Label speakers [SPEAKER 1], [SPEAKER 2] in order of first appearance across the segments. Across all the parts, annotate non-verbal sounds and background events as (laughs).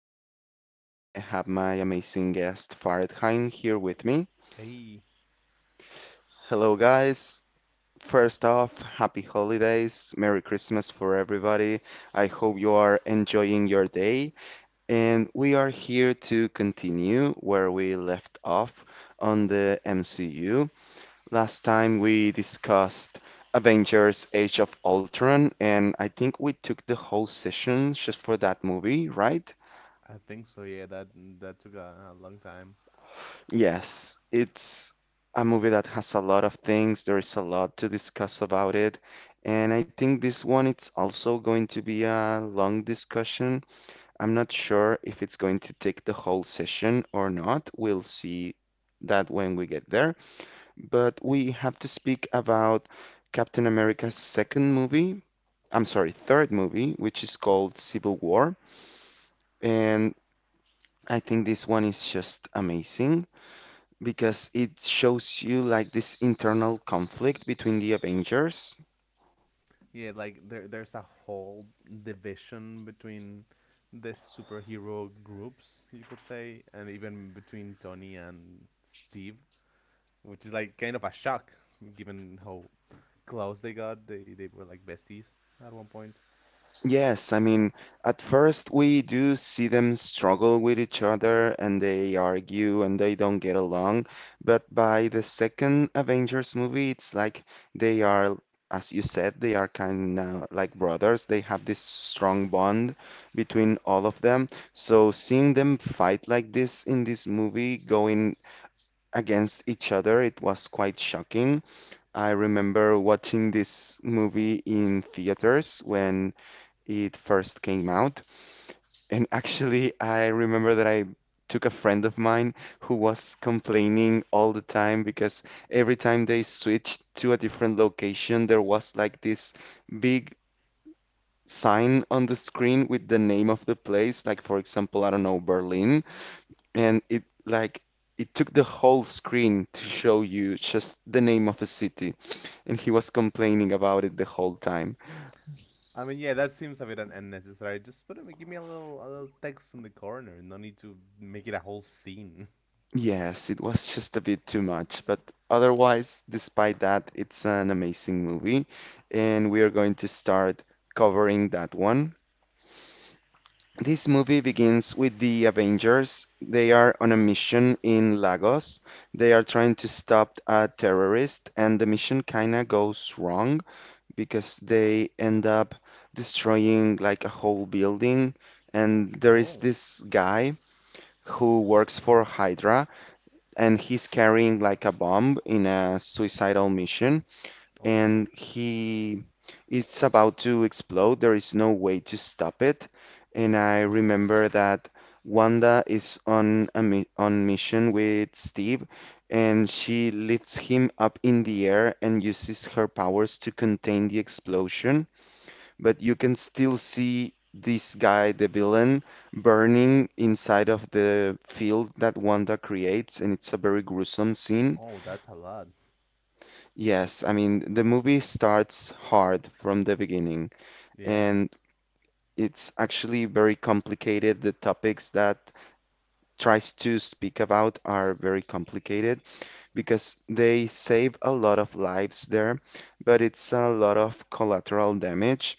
[SPEAKER 1] And one more time, I have my amazing guest, Farid Haim, here with me.
[SPEAKER 2] Hey,
[SPEAKER 1] Hello, guys. First off, happy holidays. Merry Christmas for everybody. I hope you are enjoying your day. And we are here to continue where we left off on the MCU. Last time we discussed Avengers Age of Ultron, and I think we took the whole session just for that movie, right?
[SPEAKER 2] I think so. Yeah, that took a long time.
[SPEAKER 1] Yes, it's a movie that has a lot of things. There is a lot to discuss about it. And I think this one, it's also going to be a long discussion. I'm not sure if it's going to take the whole session or not. We'll see that when we get there. But we have to speak about Captain America's second movie, I'm sorry, third movie, which is called Civil War.
[SPEAKER 2] S-
[SPEAKER 1] And I think this one is just amazing because it shows you like this internal conflict between the Avengers.
[SPEAKER 2] Yeah, like there's a whole division between the superhero groups, you could say, and even between Tony and Steve, which is like kind of a shock given how close they got. They were like besties at 1 point.
[SPEAKER 1] Yes, I mean, at first we do see them struggle with each other and they argue and they don't get along. But by the second Avengers movie, it's like they are, as you said, they are kind of like brothers. They have this strong bond between all of them. So seeing them fight like this in this movie, going against each other, it was quite shocking. I remember watching this movie in theaters when it first came out. And actually, I remember that I took a friend of mine who was complaining all the time because every time they switched to a different location, there was like this big sign on the screen with the name of the place, like for example, I don't know, Berlin, and it like it took the whole screen to show you just the name of a city, and he was complaining about it the whole time.
[SPEAKER 2] Yeah, that seems a bit unnecessary. Just put it, give me a little text in the corner. No need to make it a whole scene. (laughs)
[SPEAKER 1] Yes, it was just a bit too much, but otherwise, despite that, it's an amazing movie, and we are going to start covering that one. This movie begins with the Avengers. They are on a mission in Lagos. They are trying to stop a terrorist, and the mission kinda goes wrong because they end up destroying like a whole building. And there is
[SPEAKER 2] Oh,
[SPEAKER 1] this guy who works for Hydra and he's carrying like a bomb in a suicidal mission
[SPEAKER 2] oh,
[SPEAKER 1] and he it's about to explode. There is no way to stop it. And I remember that Wanda is on a mi on mission with Steve, and she lifts him up in the air and uses her powers to contain the explosion, but you can still see this guy, the villain, burning inside of the field that Wanda creates, and it's a very gruesome scene.
[SPEAKER 2] oh, that's a lot.
[SPEAKER 1] Yes, I mean, the movie starts hard from the beginning,
[SPEAKER 2] Yeah.
[SPEAKER 1] and it's actually very complicated. The topics that tries to speak about are very complicated because they save a lot of lives there, but it's a lot of collateral damage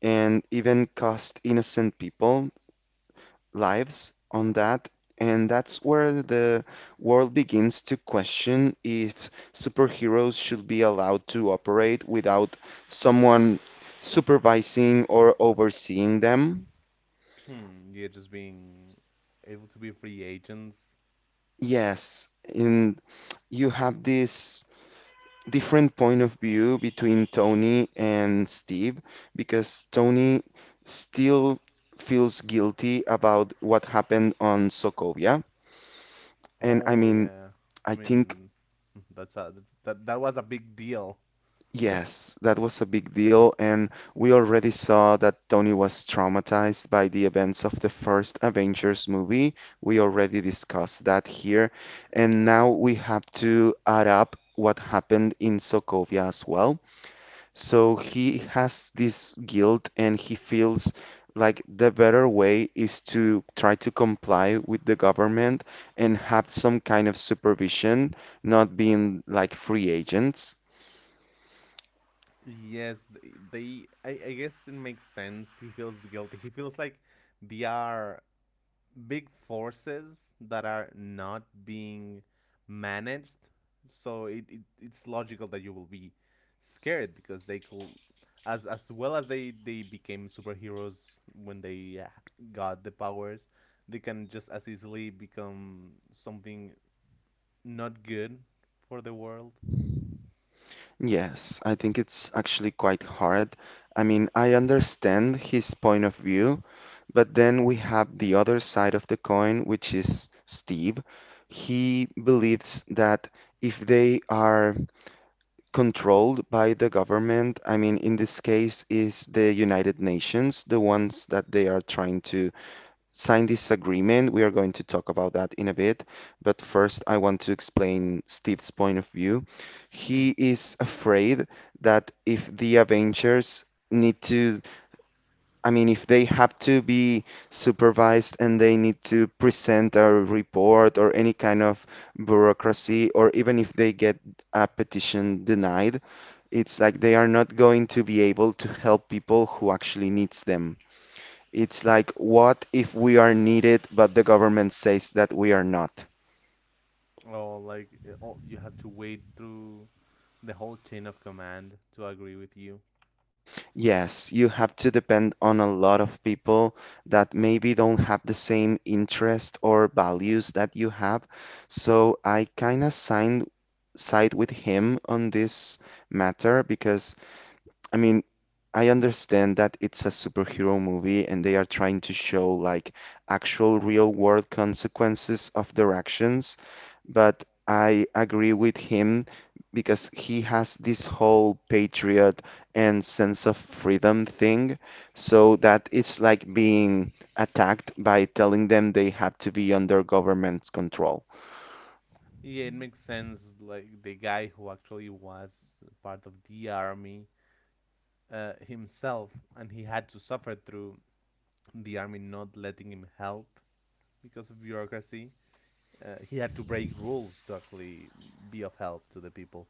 [SPEAKER 1] and even cost innocent people lives on that, and that's where the world begins to question if superheroes should be allowed to operate without someone supervising or overseeing them.
[SPEAKER 2] Hmm. Yeah, just being able to be free agents.
[SPEAKER 1] Yes, and you have this different point of view between Tony and Steve because Tony still feels guilty about what happened on Sokovia. And I
[SPEAKER 2] Oh
[SPEAKER 1] mean,
[SPEAKER 2] yeah. I
[SPEAKER 1] I think
[SPEAKER 2] mean, that was a big deal.
[SPEAKER 1] Yes, that was a big deal, and we already saw that Tony was traumatized by the events of the first Avengers movie. We already discussed that here, and now we have to add up what happened in Sokovia as well. So he has this guilt, and he feels like the better way is to try to comply with the government and have some kind of supervision, not being like free agents.
[SPEAKER 2] Yes, th- they. I Guess it makes sense. He feels guilty. He feels like they are big forces that are not being managed, so it's logical that you will be scared, because they could, as well as they became superheroes when they got the powers, they can just as easily become something not good for the world.
[SPEAKER 1] Yes, I think it's actually quite hard. I mean, I understand his point of view, but then we have the other side of the coin, which is Steve. He believes that if they are controlled by the government, I mean, in this case, is the United Nations, the ones that they are trying to sign this agreement. We are going to talk about that in a bit, but first I want to explain Steve's point of view.
[SPEAKER 2] Hmm.
[SPEAKER 1] He is afraid that if the Avengers need to, I mean, if they have to be supervised and they need to present a report or any kind of bureaucracy, or even if they get a petition denied, it's like they are not going to be able to help people who actually needs them. It's like, what if we are needed, but the government says that we are not?
[SPEAKER 2] Oh, you have to wait through the whole chain of command to agree with you.
[SPEAKER 1] Yes, you have to depend on a lot of people that maybe don't have the same interest or values that you have. So I kind of signed side with him on this matter because, I mean, I understand that it's a superhero movie and they are trying to show like actual real world consequences of their actions, but I agree with him because he has this whole patriot and sense of freedom thing. So that it's like being attacked by telling them they have to be under government's control.
[SPEAKER 2] Yeah, it makes sense. Like the guy who actually was part of the army himself, and he had to suffer through the army not letting him help because of bureaucracy. He had to break rules to actually be of help to the people.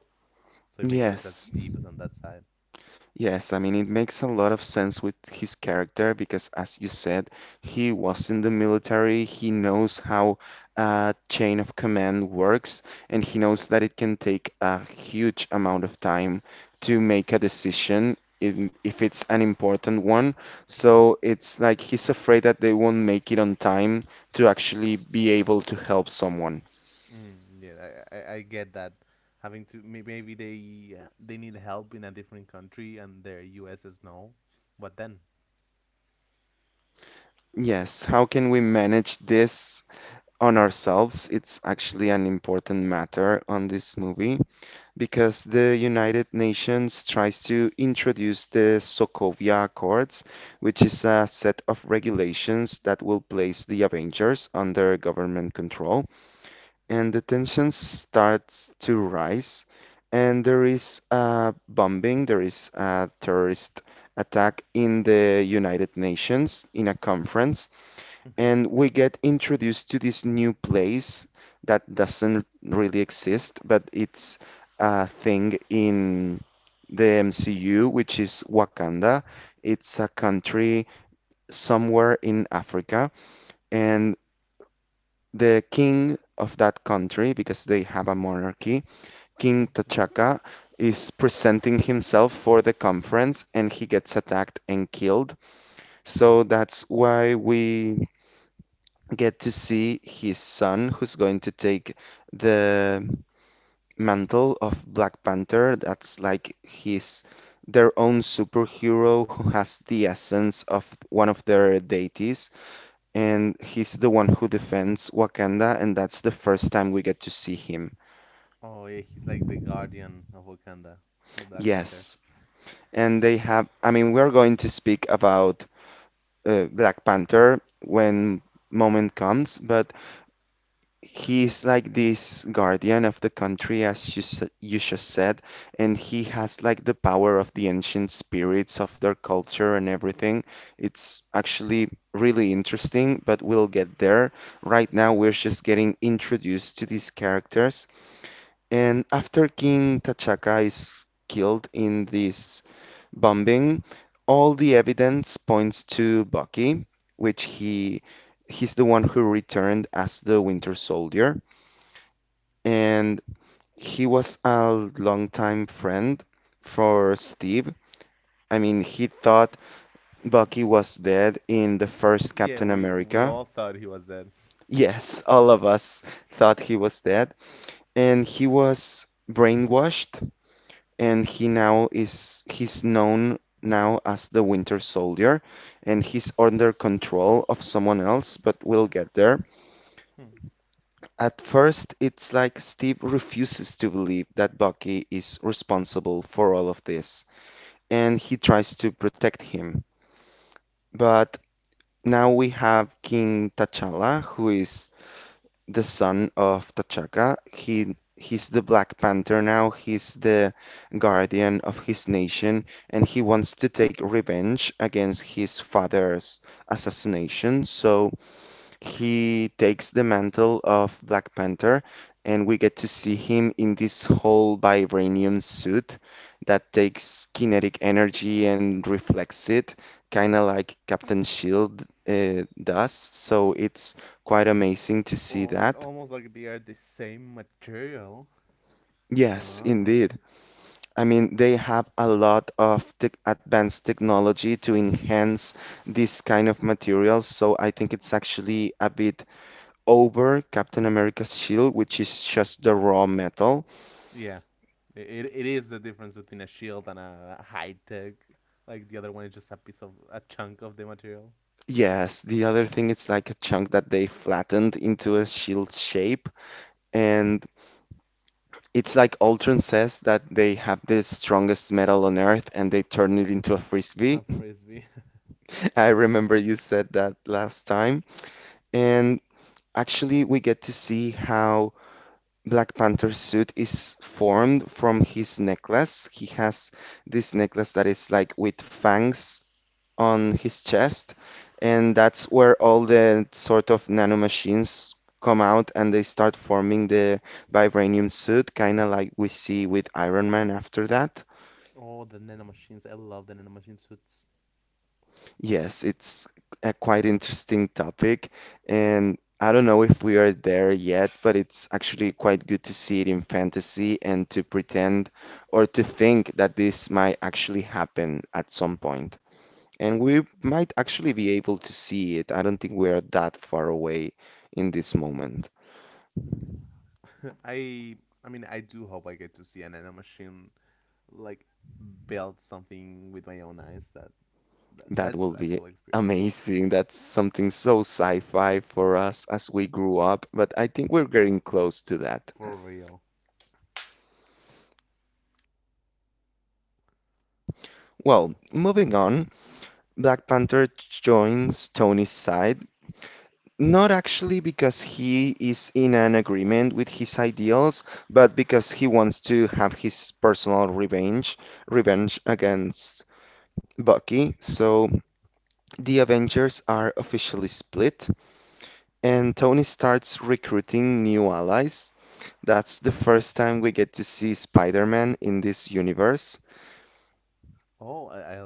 [SPEAKER 2] So it makes sense that
[SPEAKER 1] Yes.
[SPEAKER 2] Steve is on that side.
[SPEAKER 1] Yes, I mean, it makes a lot of sense with his character because, as you said, he was in the military. He knows how a chain of command works, and he knows that it can take a huge amount of time to make a decision in, if it's an important one. So it's like he's afraid that they won't make it on time to actually be able to help someone.
[SPEAKER 2] Mm, yeah, I get that. Having to maybe they need help in a different country and their U.S. is no. What then?
[SPEAKER 1] Yes, how can we manage this on ourselves? It's actually an important matter on this movie because the United Nations tries to introduce the Sokovia Accords, which is a set of regulations that will place the Avengers under government control. And the tensions starts to rise, and there is a bombing, there is a terrorist attack in the United Nations in a conference,
[SPEAKER 2] Hmm.
[SPEAKER 1] and we get introduced to this new place that doesn't really exist, but it's a thing in the MCU, which is Wakanda. It's a country somewhere in Africa, and the king of that country, because they have a monarchy, King
[SPEAKER 2] Hmm.
[SPEAKER 1] T'Chaka, is presenting himself for the conference and he gets attacked and killed. So that's why we get to see his son, who's going to take the mantle of Black Panther. That's like his their own superhero who has the essence of one of their deities, and he's the one who defends Wakanda, and that's the first time we get to see him.
[SPEAKER 2] Oh yeah, he's like the guardian of Wakanda, the Black Panther.
[SPEAKER 1] Yes. And they have, I mean, we're going to speak about Black Panther when moment comes, but he's like this guardian of the country, as you just said, and he has like the power of the ancient spirits of their culture and everything. It's actually really interesting, but we'll get there. Right now, we're just getting introduced to these characters. And after King T'Chaka is killed in this bombing, all the evidence points to Bucky, which he's the one who returned as the Winter Soldier and he was a longtime friend for Steve. I mean, he thought Bucky was dead in the first
[SPEAKER 2] Yeah,
[SPEAKER 1] Captain
[SPEAKER 2] we
[SPEAKER 1] America.
[SPEAKER 2] all thought he was dead.
[SPEAKER 1] Yes, all of us thought he was dead, and he was brainwashed, and he's known now as the Winter Soldier, and he's under control of someone else, but we'll get there.
[SPEAKER 2] Hmm.
[SPEAKER 1] At first, it's like Steve refuses to believe that Bucky is responsible for all of this, and he tries to protect him. But now we have King T'Challa, who is the son of T'Chaka. He's the Black Panther now. He's the guardian of his nation, and he wants to take revenge against his father's assassination. So he takes the mantle of Black Panther, and we get to see him in this whole vibranium suit that takes kinetic energy and reflects it, kind of like Captain Shield does. So it's quite amazing to see
[SPEAKER 2] Oh, it's
[SPEAKER 1] that.
[SPEAKER 2] almost like they are the same material.
[SPEAKER 1] Yes,
[SPEAKER 2] Uh, uh.
[SPEAKER 1] indeed. I mean, they have a lot of tech advanced technology to enhance this kind of material, so I think it's actually a bit over Captain America's shield, which is just the raw metal.
[SPEAKER 2] Yeah, it is the difference between a shield and a high tech. Like the other one is just a piece of a chunk of the material.
[SPEAKER 1] Yes, the other thing it's like a chunk that they flattened into a shield shape and it's like Ultron says that they have the strongest metal on Earth and they turn it into a frisbee.
[SPEAKER 2] A frisbee.
[SPEAKER 1] (laughs) I remember you said that last time. And actually, we get to see how Black Panther's suit is formed from his necklace. He has this necklace that is like with fangs on his chest, and that's where all the sort of nanomachines come out and they start forming the vibranium suit, kind of like we see with Iron Man after that.
[SPEAKER 2] Oh, the nanomachines. I love the nanomachine suits.
[SPEAKER 1] Yes, it's a quite interesting topic, and I don't know if we are there yet, but it's actually quite good to see it in fantasy and to pretend or to think that this might actually happen at some point. And we might actually be able to see it. I don't think we are that far away in this moment.
[SPEAKER 2] (laughs) I I mean, I do hope I get to see a nanomachine like build something with my own eyes. That
[SPEAKER 1] That
[SPEAKER 2] that's
[SPEAKER 1] will
[SPEAKER 2] a
[SPEAKER 1] be
[SPEAKER 2] cool experience.
[SPEAKER 1] amazing. That's something so sci-fi for us as we grew up, but I think we're getting close to that.
[SPEAKER 2] For real.
[SPEAKER 1] Well, moving on, Black Panther joins Tony's side. Not actually because he is in an agreement with his ideals, but because he wants to have his personal revenge, revenge against Bucky. So the Avengers are officially split, and Tony starts recruiting new allies. That's the first time we get to see Spider Man in this universe.
[SPEAKER 2] Oh,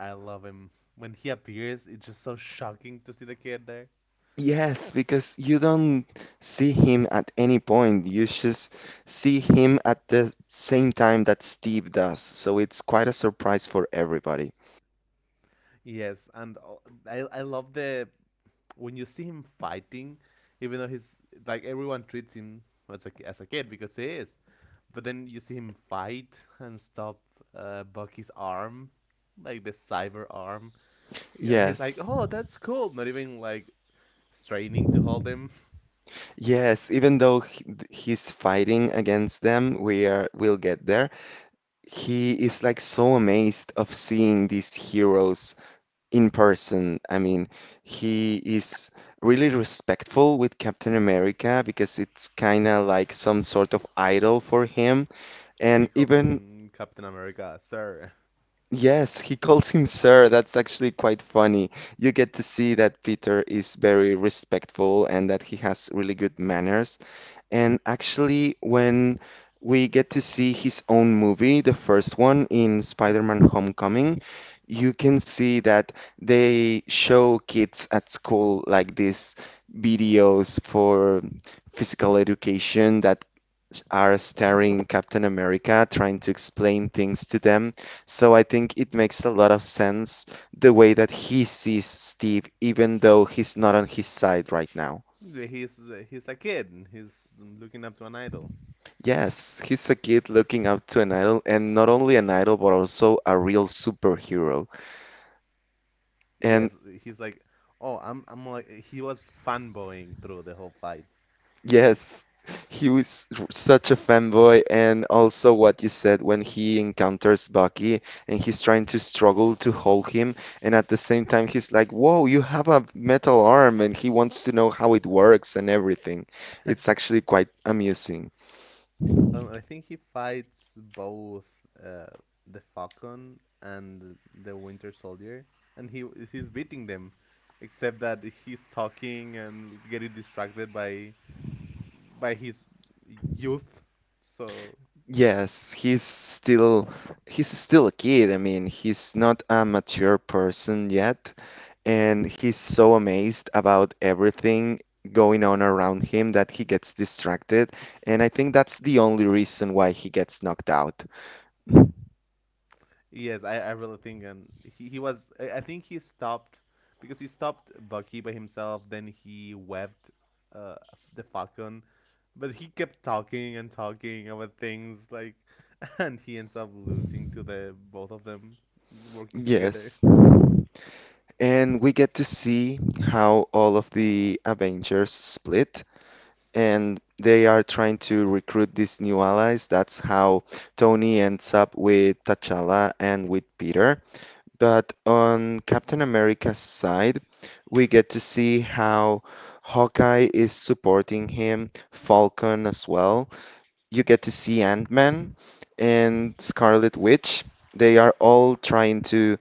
[SPEAKER 2] I love him when he appears. It's just so shocking to see the kid there.
[SPEAKER 1] Yes, because you don't see him at any point. You just see him at the same time that Steve does. So it's quite a surprise for everybody.
[SPEAKER 2] Yes, and I love the when you see him fighting, even though he's, like, everyone treats him as a kid because he is, but then you see him fight and stop Bucky's arm, like the cyber arm, and he's like,
[SPEAKER 1] Yes.
[SPEAKER 2] "Oh, that's cool." Not even like straining to hold him. (laughs)
[SPEAKER 1] Yes, even though he's fighting against them, we'll get there. He is like so amazed of seeing these heroes in person. I mean, he is really respectful with Captain America because it's kind of like some sort of idol for him.
[SPEAKER 2] He
[SPEAKER 1] And
[SPEAKER 2] calls
[SPEAKER 1] even,
[SPEAKER 2] him Captain America, sir.
[SPEAKER 1] yes, he calls him sir. That's actually quite funny. You get to see that Peter is very respectful and that he has really good manners. And actually, when we get to see his own movie, the first one in Spider-Man Homecoming, you can see that they show kids at school like these videos for physical education that are starring Captain America trying to explain things to them. So I think it makes a lot of sense the way that he sees Steve, even though he's not on his side right now.
[SPEAKER 2] (clears throat) He's he's a kid. He's looking up to an idol.
[SPEAKER 1] Yes, he's a kid looking up to an idol, and not only an idol, but also a real superhero. And
[SPEAKER 2] Yes, he's like, oh, I'm like, he was fanboying through the whole fight. (laughs)
[SPEAKER 1] yes, he was such a fanboy, and also what you said when he encounters Bucky and he's trying to struggle to hold him, and at the same time, he's like, "Whoa, you have a metal arm," and he wants to know how it works and everything. It's actually quite amusing.
[SPEAKER 2] I think he fights both uh, the Falcon and the Winter Soldier, and he's beating them, except that he's talking and getting distracted by his youth. So,
[SPEAKER 1] Yes, he's still a kid. I mean, he's not a mature person yet, and he's so amazed about everything going on around him that he gets distracted. And I think that's the only reason why he gets knocked out.
[SPEAKER 2] yes, I really think, and he was. I think he stopped because he stopped Bucky by himself. Then he webbed uh, the Falcon, but he kept talking and talking about things like, (laughs) and he ends up losing to the both of them working together.
[SPEAKER 1] Yes. And we get to see how all of the Avengers split and they are trying to recruit these new allies. That's how Tony ends up with T'Challa and with Peter. But on Captain America's side, we get to see how Hawkeye is supporting him, Falcon as well. You get to see Ant-Man and Scarlet Witch. They are all trying to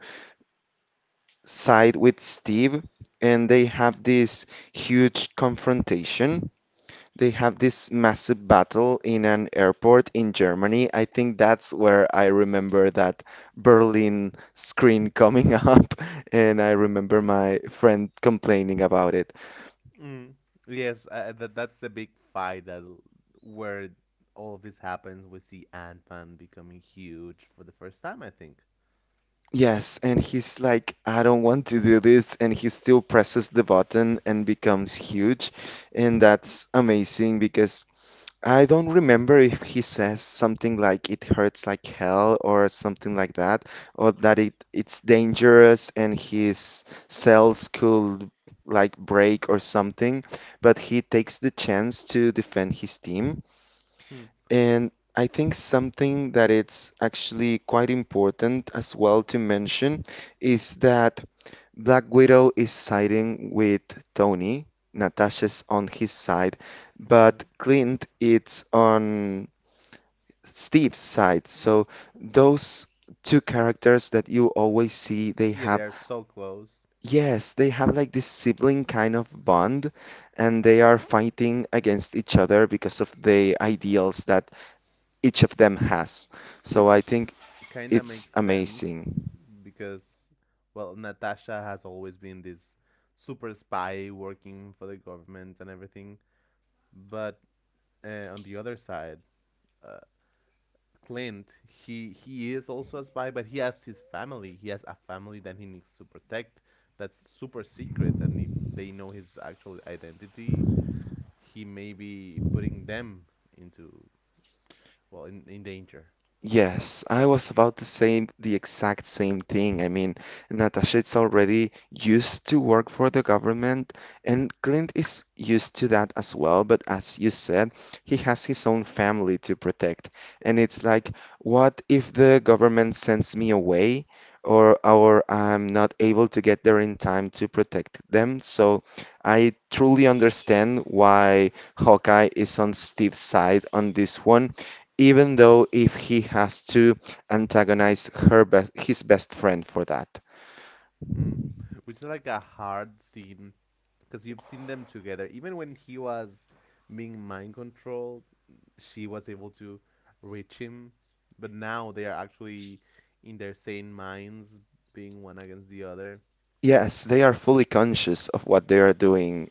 [SPEAKER 1] side with Steve, and huge confrontation they have this massive battle in an airport in Germany. I think that's where I remember that Berlin screen coming (laughs) up, and I remember my friend complaining about it.
[SPEAKER 2] Mm. Yes, that's the big fight where all of this happens. We see Ant Man becoming huge for the first time, I think.
[SPEAKER 1] Yes, and he's like, "I don't want to do this," and he still presses the button and becomes huge. And that's amazing because I don't remember if he says something like it hurts like hell or something like that, or that it's dangerous and his cells could like break or something, but he takes the chance to defend his team.
[SPEAKER 2] Hmm.
[SPEAKER 1] And I think something that it's actually quite important as well to mention is that Black Widow is siding with Tony. Natasha's on his side,
[SPEAKER 2] Mhm.
[SPEAKER 1] but Clint is on Steve's side. So those two characters that you always see, they
[SPEAKER 2] Yeah, they
[SPEAKER 1] have,
[SPEAKER 2] are so close.
[SPEAKER 1] yes, they have like this sibling kind of bond, and they are fighting against each other because of the ideals that each of them has. So
[SPEAKER 2] Which
[SPEAKER 1] I think
[SPEAKER 2] kind of
[SPEAKER 1] it's
[SPEAKER 2] makes sense,
[SPEAKER 1] amazing.
[SPEAKER 2] because, well, Natasha has always been this super spy working for the government and everything, but on the other side, uh, Clint, he is also a spy, but he has his family, he has a family that he needs to protect, that's super secret, and if they know his actual identity, he may be putting them into, well, in danger.
[SPEAKER 1] Yes, I was about to say the exact same thing. I mean, Natasha is already used to work for the government, and Clint is used to that as well. But as you said, he has his own family to protect. And it's like, what if the government sends me away or I'm not able to get there in time to protect them? So I truly understand why Hawkeye is on Steve's side on this one even though if he has to antagonize her his best friend for that.
[SPEAKER 2] Hmm. Which is like a hard scene, because you've seen them together. Even when he was being mind controlled, she was able to reach him. But now they are actually in their sane minds, being one against the other.
[SPEAKER 1] Yes, they are fully conscious of what they are doing,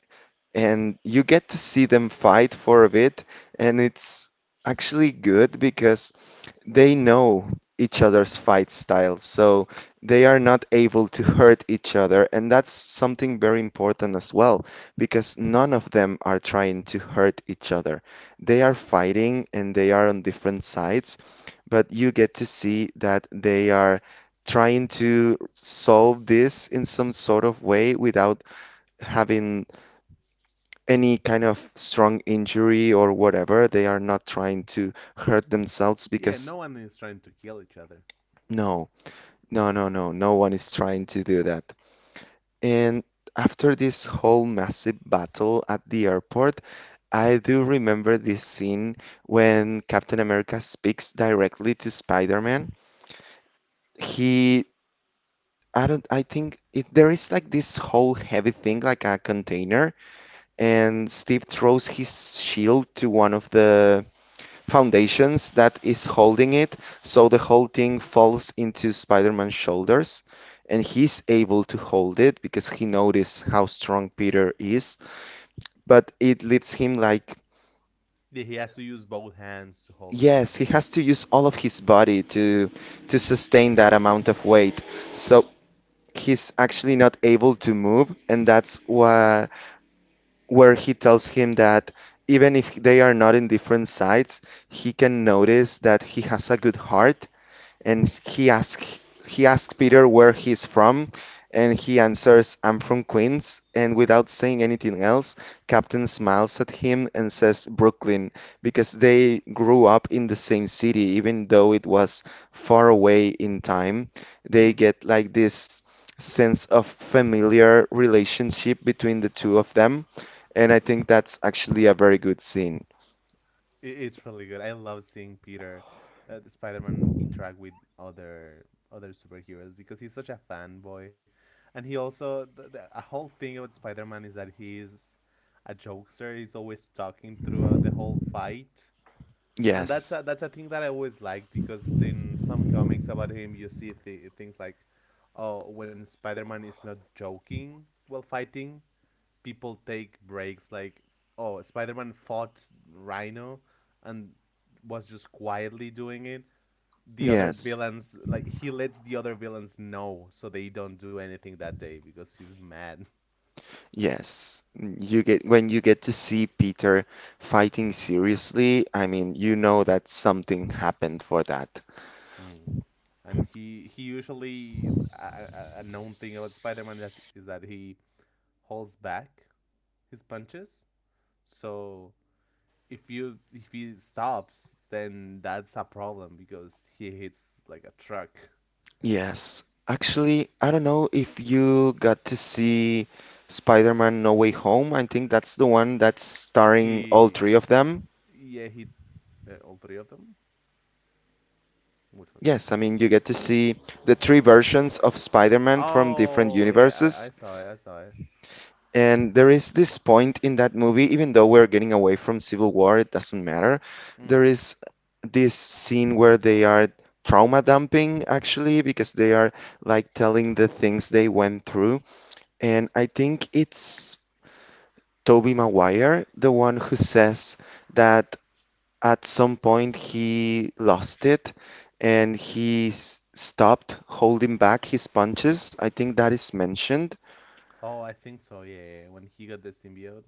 [SPEAKER 1] and you get to see them fight for a bit, and it's actually good because they know each other's fight styles, so they are not able to hurt each other, and that's something very important as well, because none of them are trying to hurt each other. They are fighting and they are on different sides, but you get to see that they are trying to solve this in some sort of way without having any kind of strong injury or whatever. They are not trying to hurt themselves
[SPEAKER 2] Yeah,
[SPEAKER 1] because.
[SPEAKER 2] no one is trying to kill each other.
[SPEAKER 1] No. No, no, no, no one is trying to do that. And after this whole massive battle at the airport, I do remember this scene when Captain America speaks directly to Spider-Man. He, I don't, I think there is like this whole heavy thing, like a container, and Steve throws his shield to one of the foundations that is holding it, so the whole thing falls into Spider-Man's shoulders, and he's able to hold it because he noticed how strong Peter is, but it leaves him like
[SPEAKER 2] Yeah, he has to use both hands to hold the
[SPEAKER 1] yes,
[SPEAKER 2] thing.
[SPEAKER 1] he has to use all of his body to sustain that amount of weight. So he's actually not able to move, and that's why where he tells him that even if they are not in different sides, he can notice that he has a good heart and he asks Peter where he's from, and he answers, "I'm from Queens." And without saying anything else, Captain smiles at him and says, "Brooklyn," because they grew up in the same city, even though it was far away in time. They
[SPEAKER 2] Hmm.
[SPEAKER 1] get like this sense of familiar relationship between the two of them, and I think that's actually a very good scene.
[SPEAKER 2] It's really good. I love seeing Peter, the Spider-Man, interact with other superheroes because he's such a fanboy, and he also, the a whole thing about Spider-Man is that he's a jokester. He's always talking throughout the whole fight. And
[SPEAKER 1] Yes,
[SPEAKER 2] that's a thing that I always liked, because in some comics about him, you see things like, oh, when Spider Man is not joking while fighting, people take breaks. Like, oh, Spider Man fought Rhino and was just quietly doing it. The other
[SPEAKER 1] yes.
[SPEAKER 2] villains, like, he lets the other villains know so they don't do anything that day because he's mad.
[SPEAKER 1] Yes, you get when you get to see Peter fighting seriously, I mean, you know that something happened for that.
[SPEAKER 2] Mm. And he usually, a known thing about Spider Man is that he holds back his punches. So if he stops, then that's a problem because he hits like a truck.
[SPEAKER 1] Yes. Actually, I don't know if you got to see Spider-Man No Way Home. I think that's the one that's starring all
[SPEAKER 2] He,
[SPEAKER 1] three of them.
[SPEAKER 2] yeah, all three of them. Which ones?
[SPEAKER 1] Yes, I mean, you get to see the three versions of Spider-Man from different
[SPEAKER 2] Oh, yeah, I
[SPEAKER 1] universes.
[SPEAKER 2] saw it. I saw it.
[SPEAKER 1] And there is this point in that movie, even though we're getting away from Civil War, it doesn't matter. There
[SPEAKER 2] Mm.
[SPEAKER 1] is this scene where they are trauma dumping, actually, because they are like telling the things they went through. And I think it's Toby Maguire, the one who says that at some point he lost it and he stopped holding back his punches. I think that is mentioned.
[SPEAKER 2] Oh, I think so. Yeah, when he got the symbiote.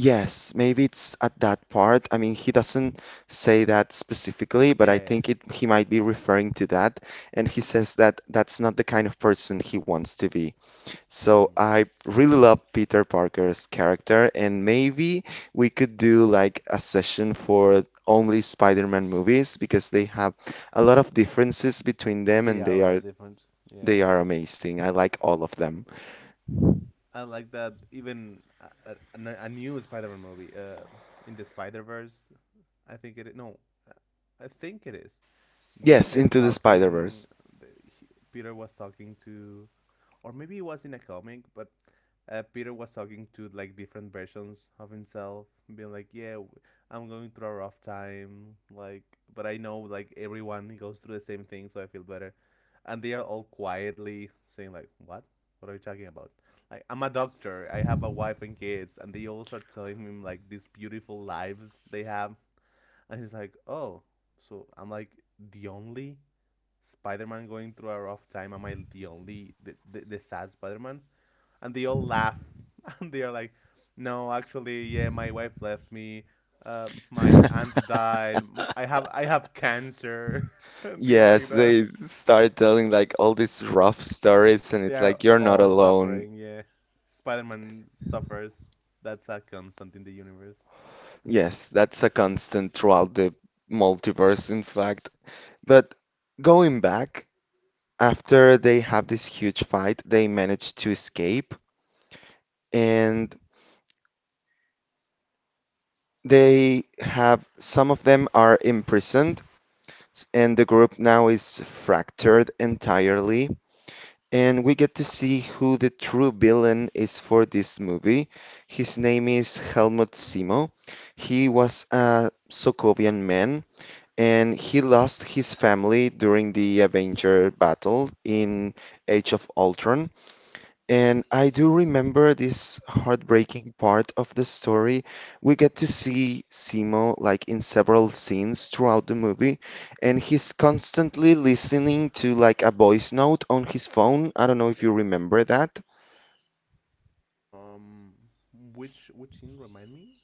[SPEAKER 1] Yes, maybe it's at that part. I mean, he doesn't say that specifically, but I
[SPEAKER 2] Yeah.
[SPEAKER 1] think it he might be referring to that. And he says that that's not the kind of person he wants to be. So
[SPEAKER 2] Mm.
[SPEAKER 1] I really love Peter Parker's character, and maybe we could do like a session for only Spider-Man movies because they have a lot of differences between them
[SPEAKER 2] They
[SPEAKER 1] and
[SPEAKER 2] are really different. Yeah.
[SPEAKER 1] they are amazing. I like all of them.
[SPEAKER 2] I like that. Even a new Spider-Man movie, in the Spider Verse. I think it. No, I think it is. They
[SPEAKER 1] Yes,
[SPEAKER 2] kept
[SPEAKER 1] Into the
[SPEAKER 2] talking.
[SPEAKER 1] Spider-Verse.
[SPEAKER 2] Peter was talking to, or maybe it was in a comic, but Peter was talking to, like, different versions of himself, being like, "Yeah, I'm going through a rough time, like, but I know, like, everyone goes through the same thing, so I feel better." And they are all quietly saying, like, "What? What are you talking about?" Like, I'm a doctor. I have a wife and kids, and they all start telling him like these beautiful lives they have, and he's like, oh, so I'm like the only Spider-Man going through a rough time. Am I the only the sad Spider-Man? And they all laugh (laughs) and they are like, no, actually, yeah, my wife left me. My aunt died. I have cancer (laughs) and things
[SPEAKER 1] Yes,
[SPEAKER 2] like that.
[SPEAKER 1] they started telling like all these rough
[SPEAKER 2] Uh,
[SPEAKER 1] stories, and
[SPEAKER 2] They
[SPEAKER 1] it's
[SPEAKER 2] are
[SPEAKER 1] like you're not
[SPEAKER 2] all
[SPEAKER 1] alone.
[SPEAKER 2] suffering. Yeah, Spider-Man suffers. That's a constant in the universe.
[SPEAKER 1] Yes, that's a constant throughout the multiverse, in fact. But going back, after they have this huge fight, they manage to escape, and they have some of them are imprisoned, and the group now is fractured entirely, and we get to see who the true villain is for this movie. His name is Helmut Simo. He was a Sokovian man, and he lost his family during the Avenger battle in Age of Ultron. And I do remember this heartbreaking part of the story. We get to see Simo like in several scenes throughout the movie, and he's constantly listening to like a voice note on his phone. I don't know if you remember that.
[SPEAKER 2] Um, which scene, remind me?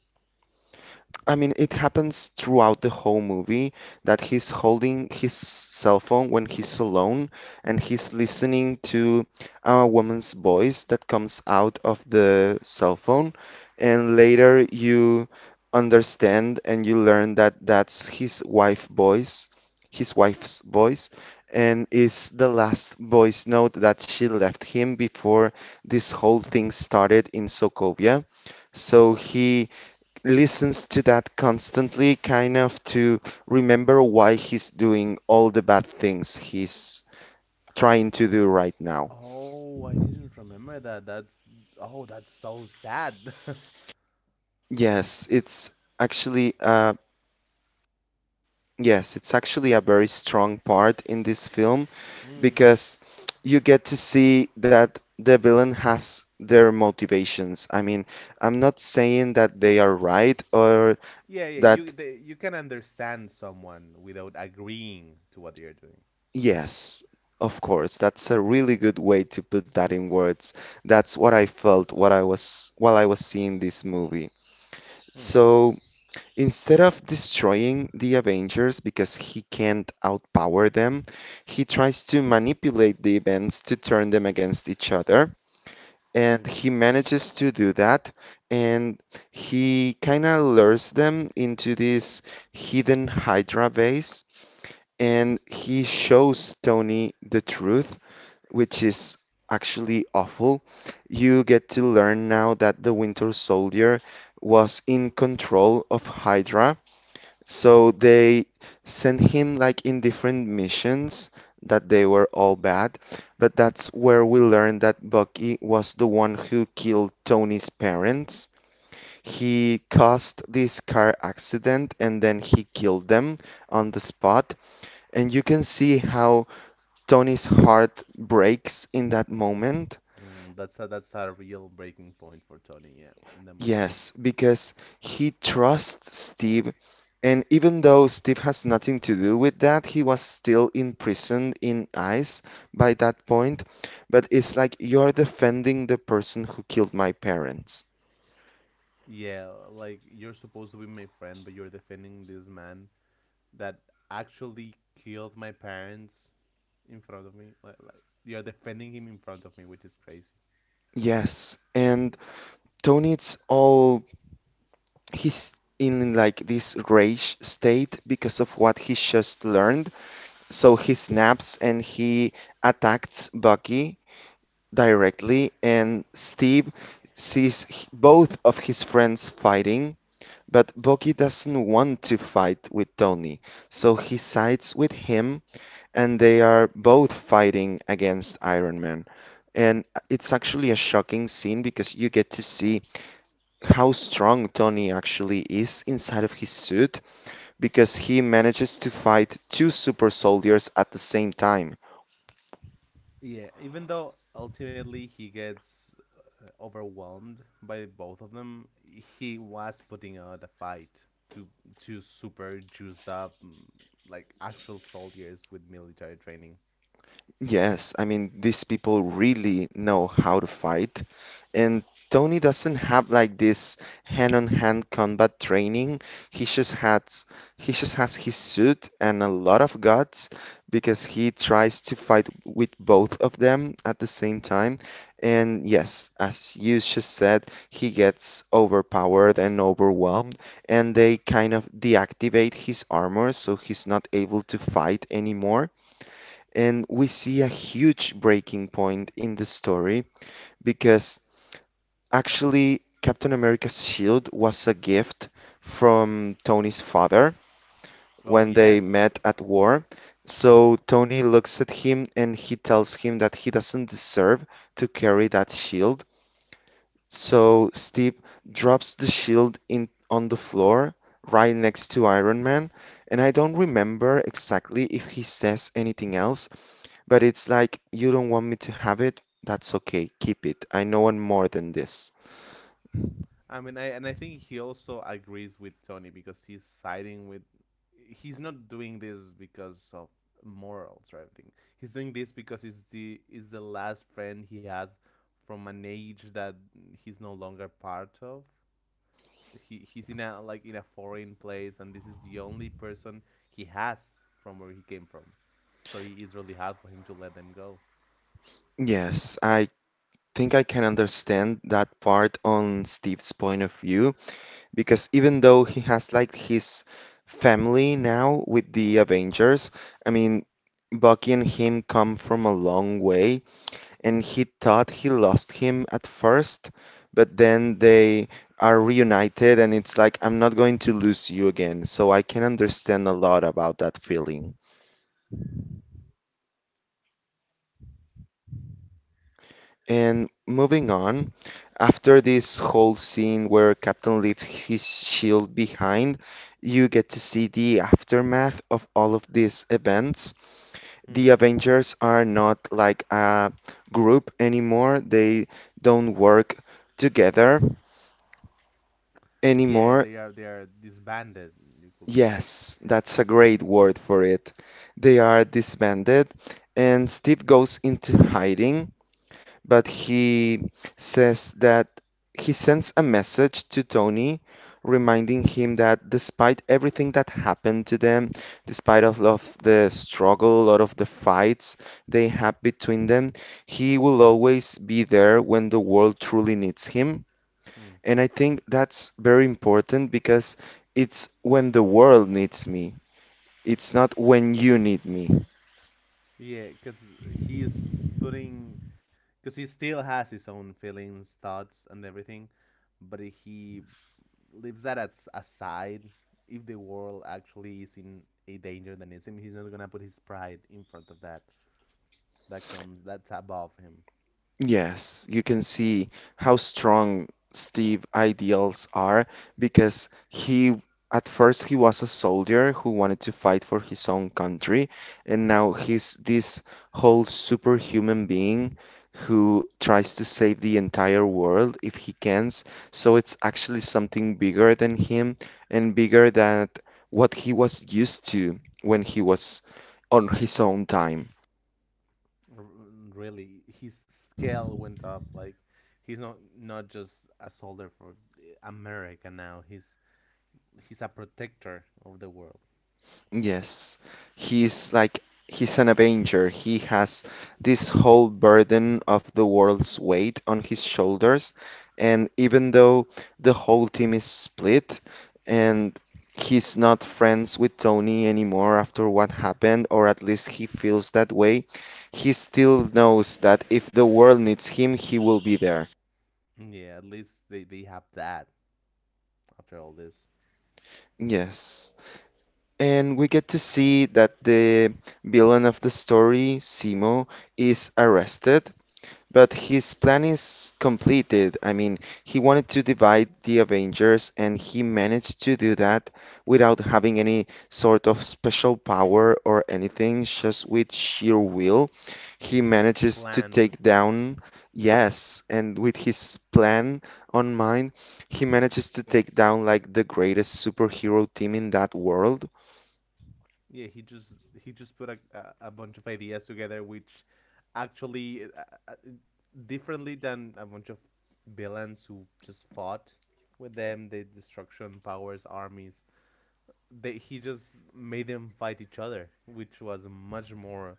[SPEAKER 1] I mean, it happens throughout the whole movie that he's holding his cell phone when he's alone and he's listening to a woman's voice that comes out of the cell phone. And later you understand and you learn that that's his wife voice, his wife's voice, and it's the last voice note that she left him before this whole thing started in Sokovia. So he listens to that constantly, kind of to remember why he's doing all the bad things he's trying to do right now.
[SPEAKER 2] Oh, I didn't remember that. That's Oh, that's so sad. (laughs)
[SPEAKER 1] Yes, it's actually uh yes, it's actually a very strong part in this film
[SPEAKER 2] Mm.
[SPEAKER 1] because you get to see that the villain has their motivations. I mean, I'm not saying that they are right or
[SPEAKER 2] Yeah, yeah.
[SPEAKER 1] that
[SPEAKER 2] You can understand someone without agreeing to what they are doing.
[SPEAKER 1] yes, of course. That's a really good way to put that in words. That's what I was while I was seeing this movie.
[SPEAKER 2] Mm.
[SPEAKER 1] So instead of destroying the Avengers because he can't outpower them, he tries to manipulate the events to turn them against each other. And he manages to do that. And He kind of lures them into this hidden Hydra base. And he shows Tony the truth, which is actually awful. You get to learn now that the Winter Soldier was in control of Hydra. So they sent him like in different missions that they were all bad. But that's where we learned that Bucky was the one who killed Tony's parents. He caused this car accident and then he killed them on the spot. And you can see how Tony's heart breaks in that moment.
[SPEAKER 2] Mm, that's a real breaking point for Tony. Yeah, in that movie.
[SPEAKER 1] Yes, because he trusts Steve, and even though Steve has nothing to do with that, he was still imprisoned in ice by that point. But it's like, you're defending the person who killed my parents.
[SPEAKER 2] Yeah, like you're supposed to be my friend, but you're defending this man that actually killed my parents in front of me. Like you're defending him in front of me, which is crazy.
[SPEAKER 1] Yes, and Tony, it's all, he's in like this rage state because of what he just learned. So he snaps and he attacks Bucky directly, and Steve both of his friends fighting, but Bucky doesn't want to fight with Tony, so he sides with him, and they are both fighting against Iron Man. And it's actually a shocking scene because you get to see how strong Tony actually is inside of his suit, because he manages to fight two super soldiers at the same time.
[SPEAKER 2] Yeah, even though ultimately he gets overwhelmed by both of them, he was putting out a fight to two super juiced up, like, actual soldiers with military training.
[SPEAKER 1] Yes, I mean, these people really know how to fight. And Tony doesn't have like this hand-on-hand combat training. He just has, he just has his suit and a lot of guts, because he tries to fight with both of them at the same time. And yes, as you just said, he gets overpowered and overwhelmed, and they kind of deactivate his armor so he's not able to fight anymore. And we see a huge breaking point in the story, because actually, Captain America's shield was a gift from Tony's father
[SPEAKER 2] Oh
[SPEAKER 1] when they
[SPEAKER 2] yes.
[SPEAKER 1] met at war. So Tony looks at him and he tells him that he doesn't deserve to carry that shield. So Steve drops the shield in on the floor right next to Iron Man, and I don't remember exactly if he says anything else, but it's like, you don't want me to have it? That's okay, keep it. I know I'm more than this.
[SPEAKER 2] I mean, I think he also agrees with Tony, because he's siding with. He's not doing this because of morals or anything. He's doing this because he's the last friend he has from an age that he's no longer part of. He's in a, like, in a foreign place, and this is the only person he has from where he came from. So it is really hard for him to let them go.
[SPEAKER 1] Yes, I think I can understand that part on Steve's point of view, because even though he has like his family now with the Avengers, I mean, Bucky and him come from a long way, and he thought he lost him at first, but then they are reunited, and it's like, I'm not going to lose you again. So I can understand a lot about that feeling. And moving on, after this whole scene where Captain leaves his shield behind, you get to see the aftermath of all of these events.
[SPEAKER 2] Hmm.
[SPEAKER 1] The Avengers are not like a group anymore, they don't work together
[SPEAKER 2] Yeah,
[SPEAKER 1] anymore.
[SPEAKER 2] they are disbanded, you could say.
[SPEAKER 1] Yes, that's a great word for it. They are disbanded, and Steve goes into hiding, but he says that, he sends a message to Tony reminding him that despite everything that happened to them, despite of the struggle, a lot of the fights they have between them, he will always be there when the world truly needs him.
[SPEAKER 2] Hmm.
[SPEAKER 1] And I think that's very important, because it's when the world needs me. It's not when you need me.
[SPEAKER 2] Yeah, because he's because he still has his own feelings, thoughts, and everything, but he leaves that as aside. If the world actually is in a danger than it's him, he's not gonna put his pride in front of that. That's above him.
[SPEAKER 1] Yes, you can see how strong Steve ideals are, because he, at first he was a soldier who wanted to fight for his own country, and now he's this whole superhuman being who tries to save the entire world if he can. So it's actually something bigger than him, and bigger than what he was used to when he was on his own time.
[SPEAKER 2] R- Really, his scale went up. Like, he's not just a soldier for America now. He's a protector of the world.
[SPEAKER 1] Yes, he's like, he's an avenger. He has this whole burden of the world's weight on his shoulders, and even though the whole team is split and he's not friends with Tony anymore after what happened, or at least he feels that way, he still knows that if the world needs him, he will be there.
[SPEAKER 2] Yeah, at least they have that after all this.
[SPEAKER 1] Yes. And we get to see that the villain of the story, Simo, is arrested. But his plan is completed. I mean, he wanted to divide the Avengers, and he managed to do that without having any sort of special power or anything, just with sheer will.
[SPEAKER 2] Yeah,
[SPEAKER 1] He
[SPEAKER 2] he just
[SPEAKER 1] manages to
[SPEAKER 2] planned.
[SPEAKER 1] take down, yes, and with his plan on mind, he manages to take down like the greatest superhero team in that world.
[SPEAKER 2] Yeah, he just put a bunch of ideas together, which actually, uh, differently than a bunch of villains who just fought with them, the destruction powers armies. They He just made them fight each other, which was much more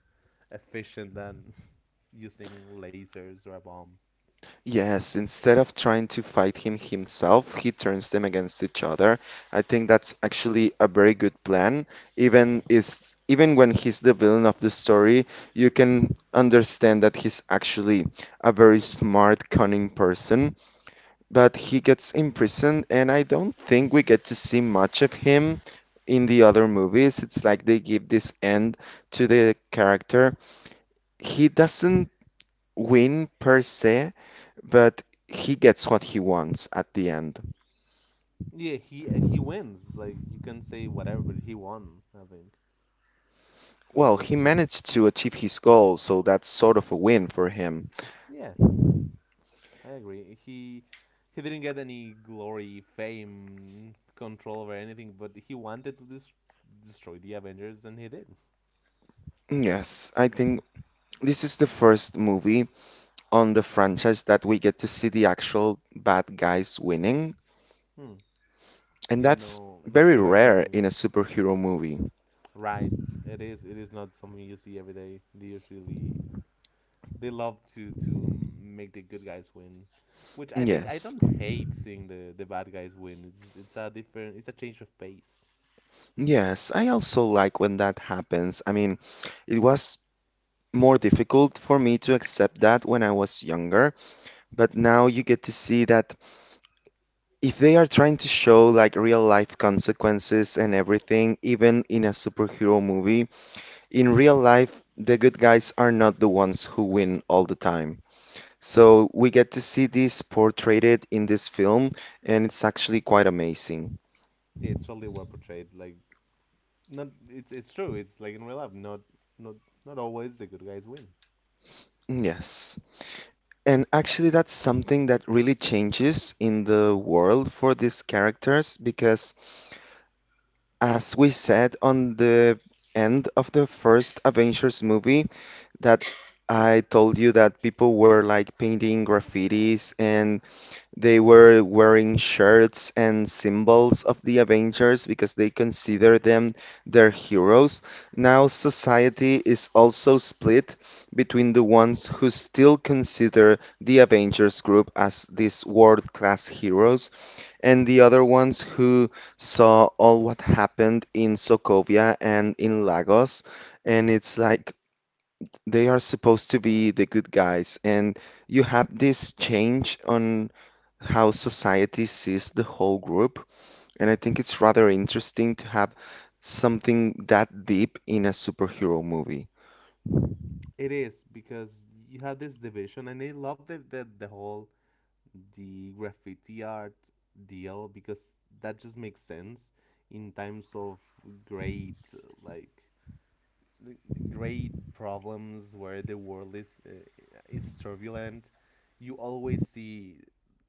[SPEAKER 2] efficient than (laughs) using lasers or a bomb.
[SPEAKER 1] Yes, instead of trying to fight him himself, he turns them against each other. I think that's actually a very good plan. Even when he's the villain of the story, you can understand that he's actually a very smart, cunning person. But he gets imprisoned, and I don't think we get to see much of him in the other movies. It's like they give this end to the character. He doesn't win per se, but he gets what he wants at the end.
[SPEAKER 2] Yeah, he wins. Like, you can say whatever, but he won, I think, at
[SPEAKER 1] Well,
[SPEAKER 2] the end
[SPEAKER 1] he
[SPEAKER 2] of this.
[SPEAKER 1] managed to achieve his goal, so that's sort of a win for him.
[SPEAKER 2] Yeah, I agree. He didn't get any glory, fame, control over anything, but he wanted to destroy the Avengers, and he did.
[SPEAKER 1] Mm, yes, I think this is the first movie on the franchise that we get to see the actual bad guys winning,
[SPEAKER 2] Hmm.
[SPEAKER 1] and
[SPEAKER 2] Yeah,
[SPEAKER 1] that's
[SPEAKER 2] no, no
[SPEAKER 1] very rare
[SPEAKER 2] sugarcoating it.
[SPEAKER 1] in a superhero movie.
[SPEAKER 2] Right. It is. It is not something you see every day. They usually, they love to make the good guys win, which, I think, I
[SPEAKER 1] Yes.
[SPEAKER 2] don't hate seeing the bad guys win. It's a different. It's a change of pace.
[SPEAKER 1] Yes, I also like when that happens. I mean, it was more difficult for me to accept that when I was younger, but now you get to see that if they are trying to show like real life consequences and everything, even in a superhero movie, in real life, the good guys are not the ones who win all the time. So we get to see this portrayed in this film, and it's actually quite amazing.
[SPEAKER 2] Yeah, it's totally well portrayed. Like, not. It's true. It's like in real life. Not Not always the good guys win.
[SPEAKER 1] Yes. And actually, that's something that really changes in the world for these characters, because as we said on the end of the first Avengers movie, that, I told you that people were like painting graffitis and they were wearing shirts and symbols of the Avengers because they consider them their heroes. Now, society is also split between the ones who still consider the Avengers group as these world-class heroes and the other ones who saw all what happened in Sokovia and in Lagos. And it's like, they are supposed to be the good guys, and you have this change on how society sees the whole group. And I think it's rather interesting to have something that deep in a superhero movie.
[SPEAKER 2] It is, because you have this division, and I love the whole the graffiti art deal, because that just makes sense in times of great like the great problems where the world is, is turbulent. You always see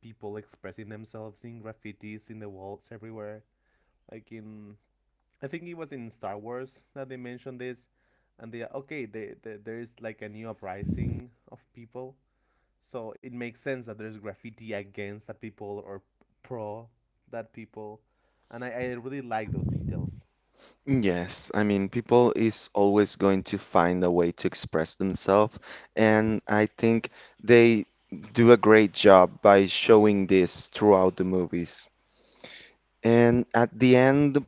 [SPEAKER 2] people expressing themselves in graffitis in the walls everywhere, like in, I think it was in Star Wars that they mentioned this, and they okay, they, there is like a new uprising of people, so it makes sense that there's graffiti against that people or pro that people, and I really like those details.
[SPEAKER 1] Yes, I mean, people is always going to find a way to express themselves, and I think they do a great job by showing this throughout the movies. And at the end,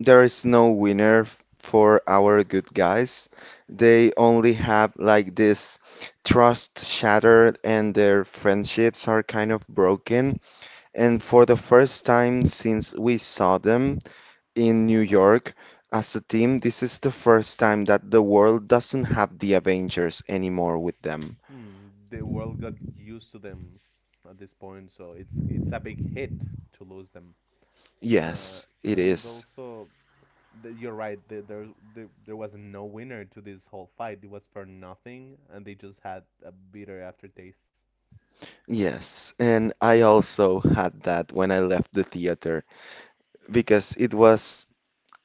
[SPEAKER 1] there is no winner for our good guys. They only have like this trust shattered and their friendships are kind of broken. And for the first time since we saw them in New York as a team, this is the first time that the world doesn't have the Avengers anymore with them.
[SPEAKER 2] Hmm, the world got used to them at this point, so it's a big hit to lose them, uh,
[SPEAKER 1] Yes, it
[SPEAKER 2] and
[SPEAKER 1] is.
[SPEAKER 2] also you're right. There was no winner to this whole fight. It was for nothing, and they just had a bitter aftertaste.
[SPEAKER 1] Yes, and I also had that when I left the theater because it was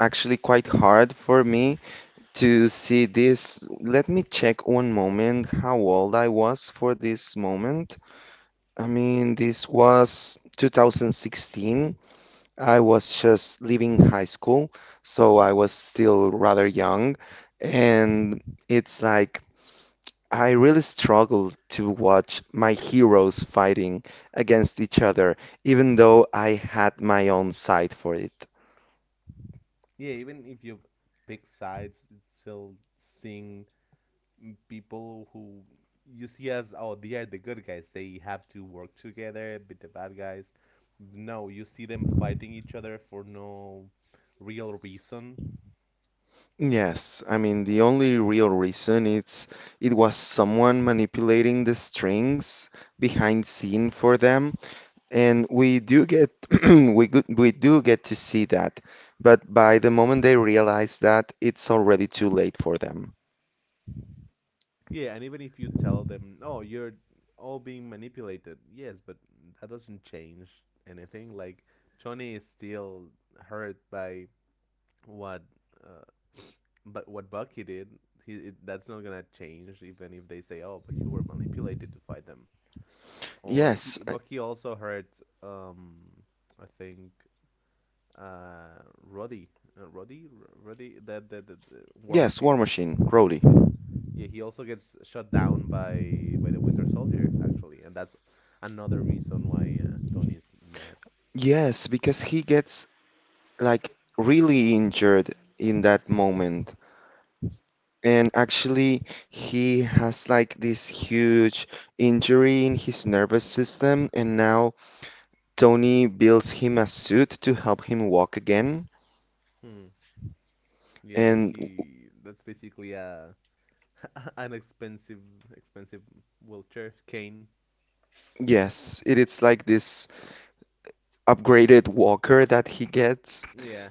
[SPEAKER 1] actually quite hard for me to see this. Let me check one moment how old I was for this moment. I mean, this was 2016. I was just leaving high school, so I was still rather young. And it's like, I really struggled to watch my heroes fighting against each other, even though I had my own side for it.
[SPEAKER 2] Yeah, even if you pick sides, it's still seeing people who you see as, oh, they are the good guys. They have to work together, beat the bad guys. No, you see them fighting each other for no real reason.
[SPEAKER 1] Yes, I mean, the only real reason, it's, it was someone manipulating the strings behind scene for them, and we do get (clears throat) we do get to see that, but by the moment they realize that, it's already too late for them.
[SPEAKER 2] Yeah, and even if you tell them, "Oh, you're all being manipulated," yes, but that doesn't change anything. Like, Johnny is still hurt by what, uh, what Bucky did. That's not gonna change, even if they say, "Oh, but you were manipulated to fight them." Or he,
[SPEAKER 1] Yes,
[SPEAKER 2] Bucky also hurt. Um, I think, uh, Roddy, Roddy, the War
[SPEAKER 1] yes, War
[SPEAKER 2] Machine.
[SPEAKER 1] Machine, Rhodey.
[SPEAKER 2] Yeah, he also gets shot down by the Winter Soldier, actually, and that's another reason why Tony's mad.
[SPEAKER 1] Yes, because he gets like really injured in that moment. And actually, he has like this huge injury in his nervous system, and now Tony builds him a suit to help him walk again.
[SPEAKER 2] Hmm. Yeah,
[SPEAKER 1] And
[SPEAKER 2] he, that's basically a (laughs) an expensive expensive wheelchair cane.
[SPEAKER 1] yes, it is like this upgraded walker that he gets.
[SPEAKER 2] Yeah.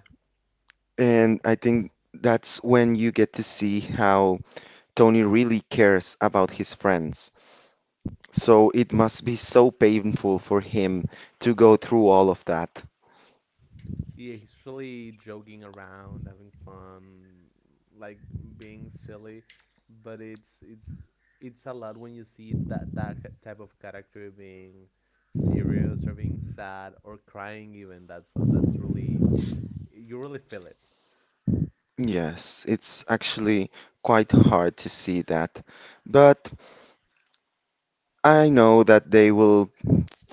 [SPEAKER 1] And I think that's when you get to see how Tony really cares about his friends. So it must be so painful for him to go through all of that.
[SPEAKER 2] Yeah, he's really joking around, having fun, like, being silly, but it's a lot when you see that type of character being serious or being sad or crying even. That's really, you really feel it.
[SPEAKER 1] Yes, it's actually quite hard to see that. But I know that they will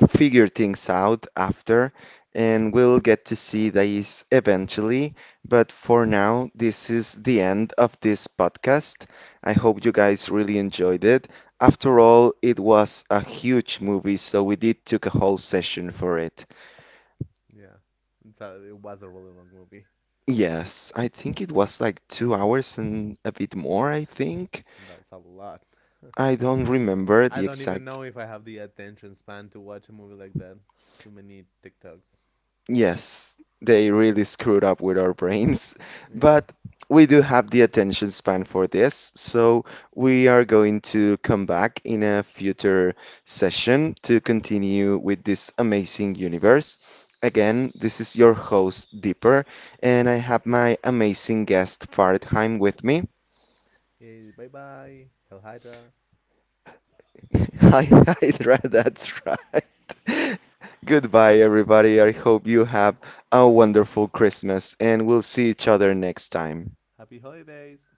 [SPEAKER 1] figure things out after, and we'll get to see these eventually. But for now, this is the end of this podcast. I hope you guys really enjoyed it. After all, it was a huge movie, so we did took a whole session for it.
[SPEAKER 2] Yeah. So it was a really long movie.
[SPEAKER 1] Yes, I think it was like 2 hours and a bit more, I think.
[SPEAKER 2] That's a lot.
[SPEAKER 1] I don't
[SPEAKER 2] (laughs)
[SPEAKER 1] remember
[SPEAKER 2] I
[SPEAKER 1] the
[SPEAKER 2] don't even
[SPEAKER 1] exact.
[SPEAKER 2] know if I have the attention span to watch a movie like that. Too many TikToks.
[SPEAKER 1] Yes, they really screwed up with our brains, (laughs)
[SPEAKER 2] Yeah.
[SPEAKER 1] but we do have the attention span for this, so we are going to come back in a future session to continue with this amazing universe. Again, this is your host, Deeper, and I have my amazing guest, Fartheim, with me.
[SPEAKER 2] Yeah, bye bye. Hell Hydra.
[SPEAKER 1] (laughs) Hi, hi, Dra- that's right. (laughs) Goodbye, everybody. I hope you have a wonderful Christmas, and we'll see each other next time.
[SPEAKER 2] Happy holidays.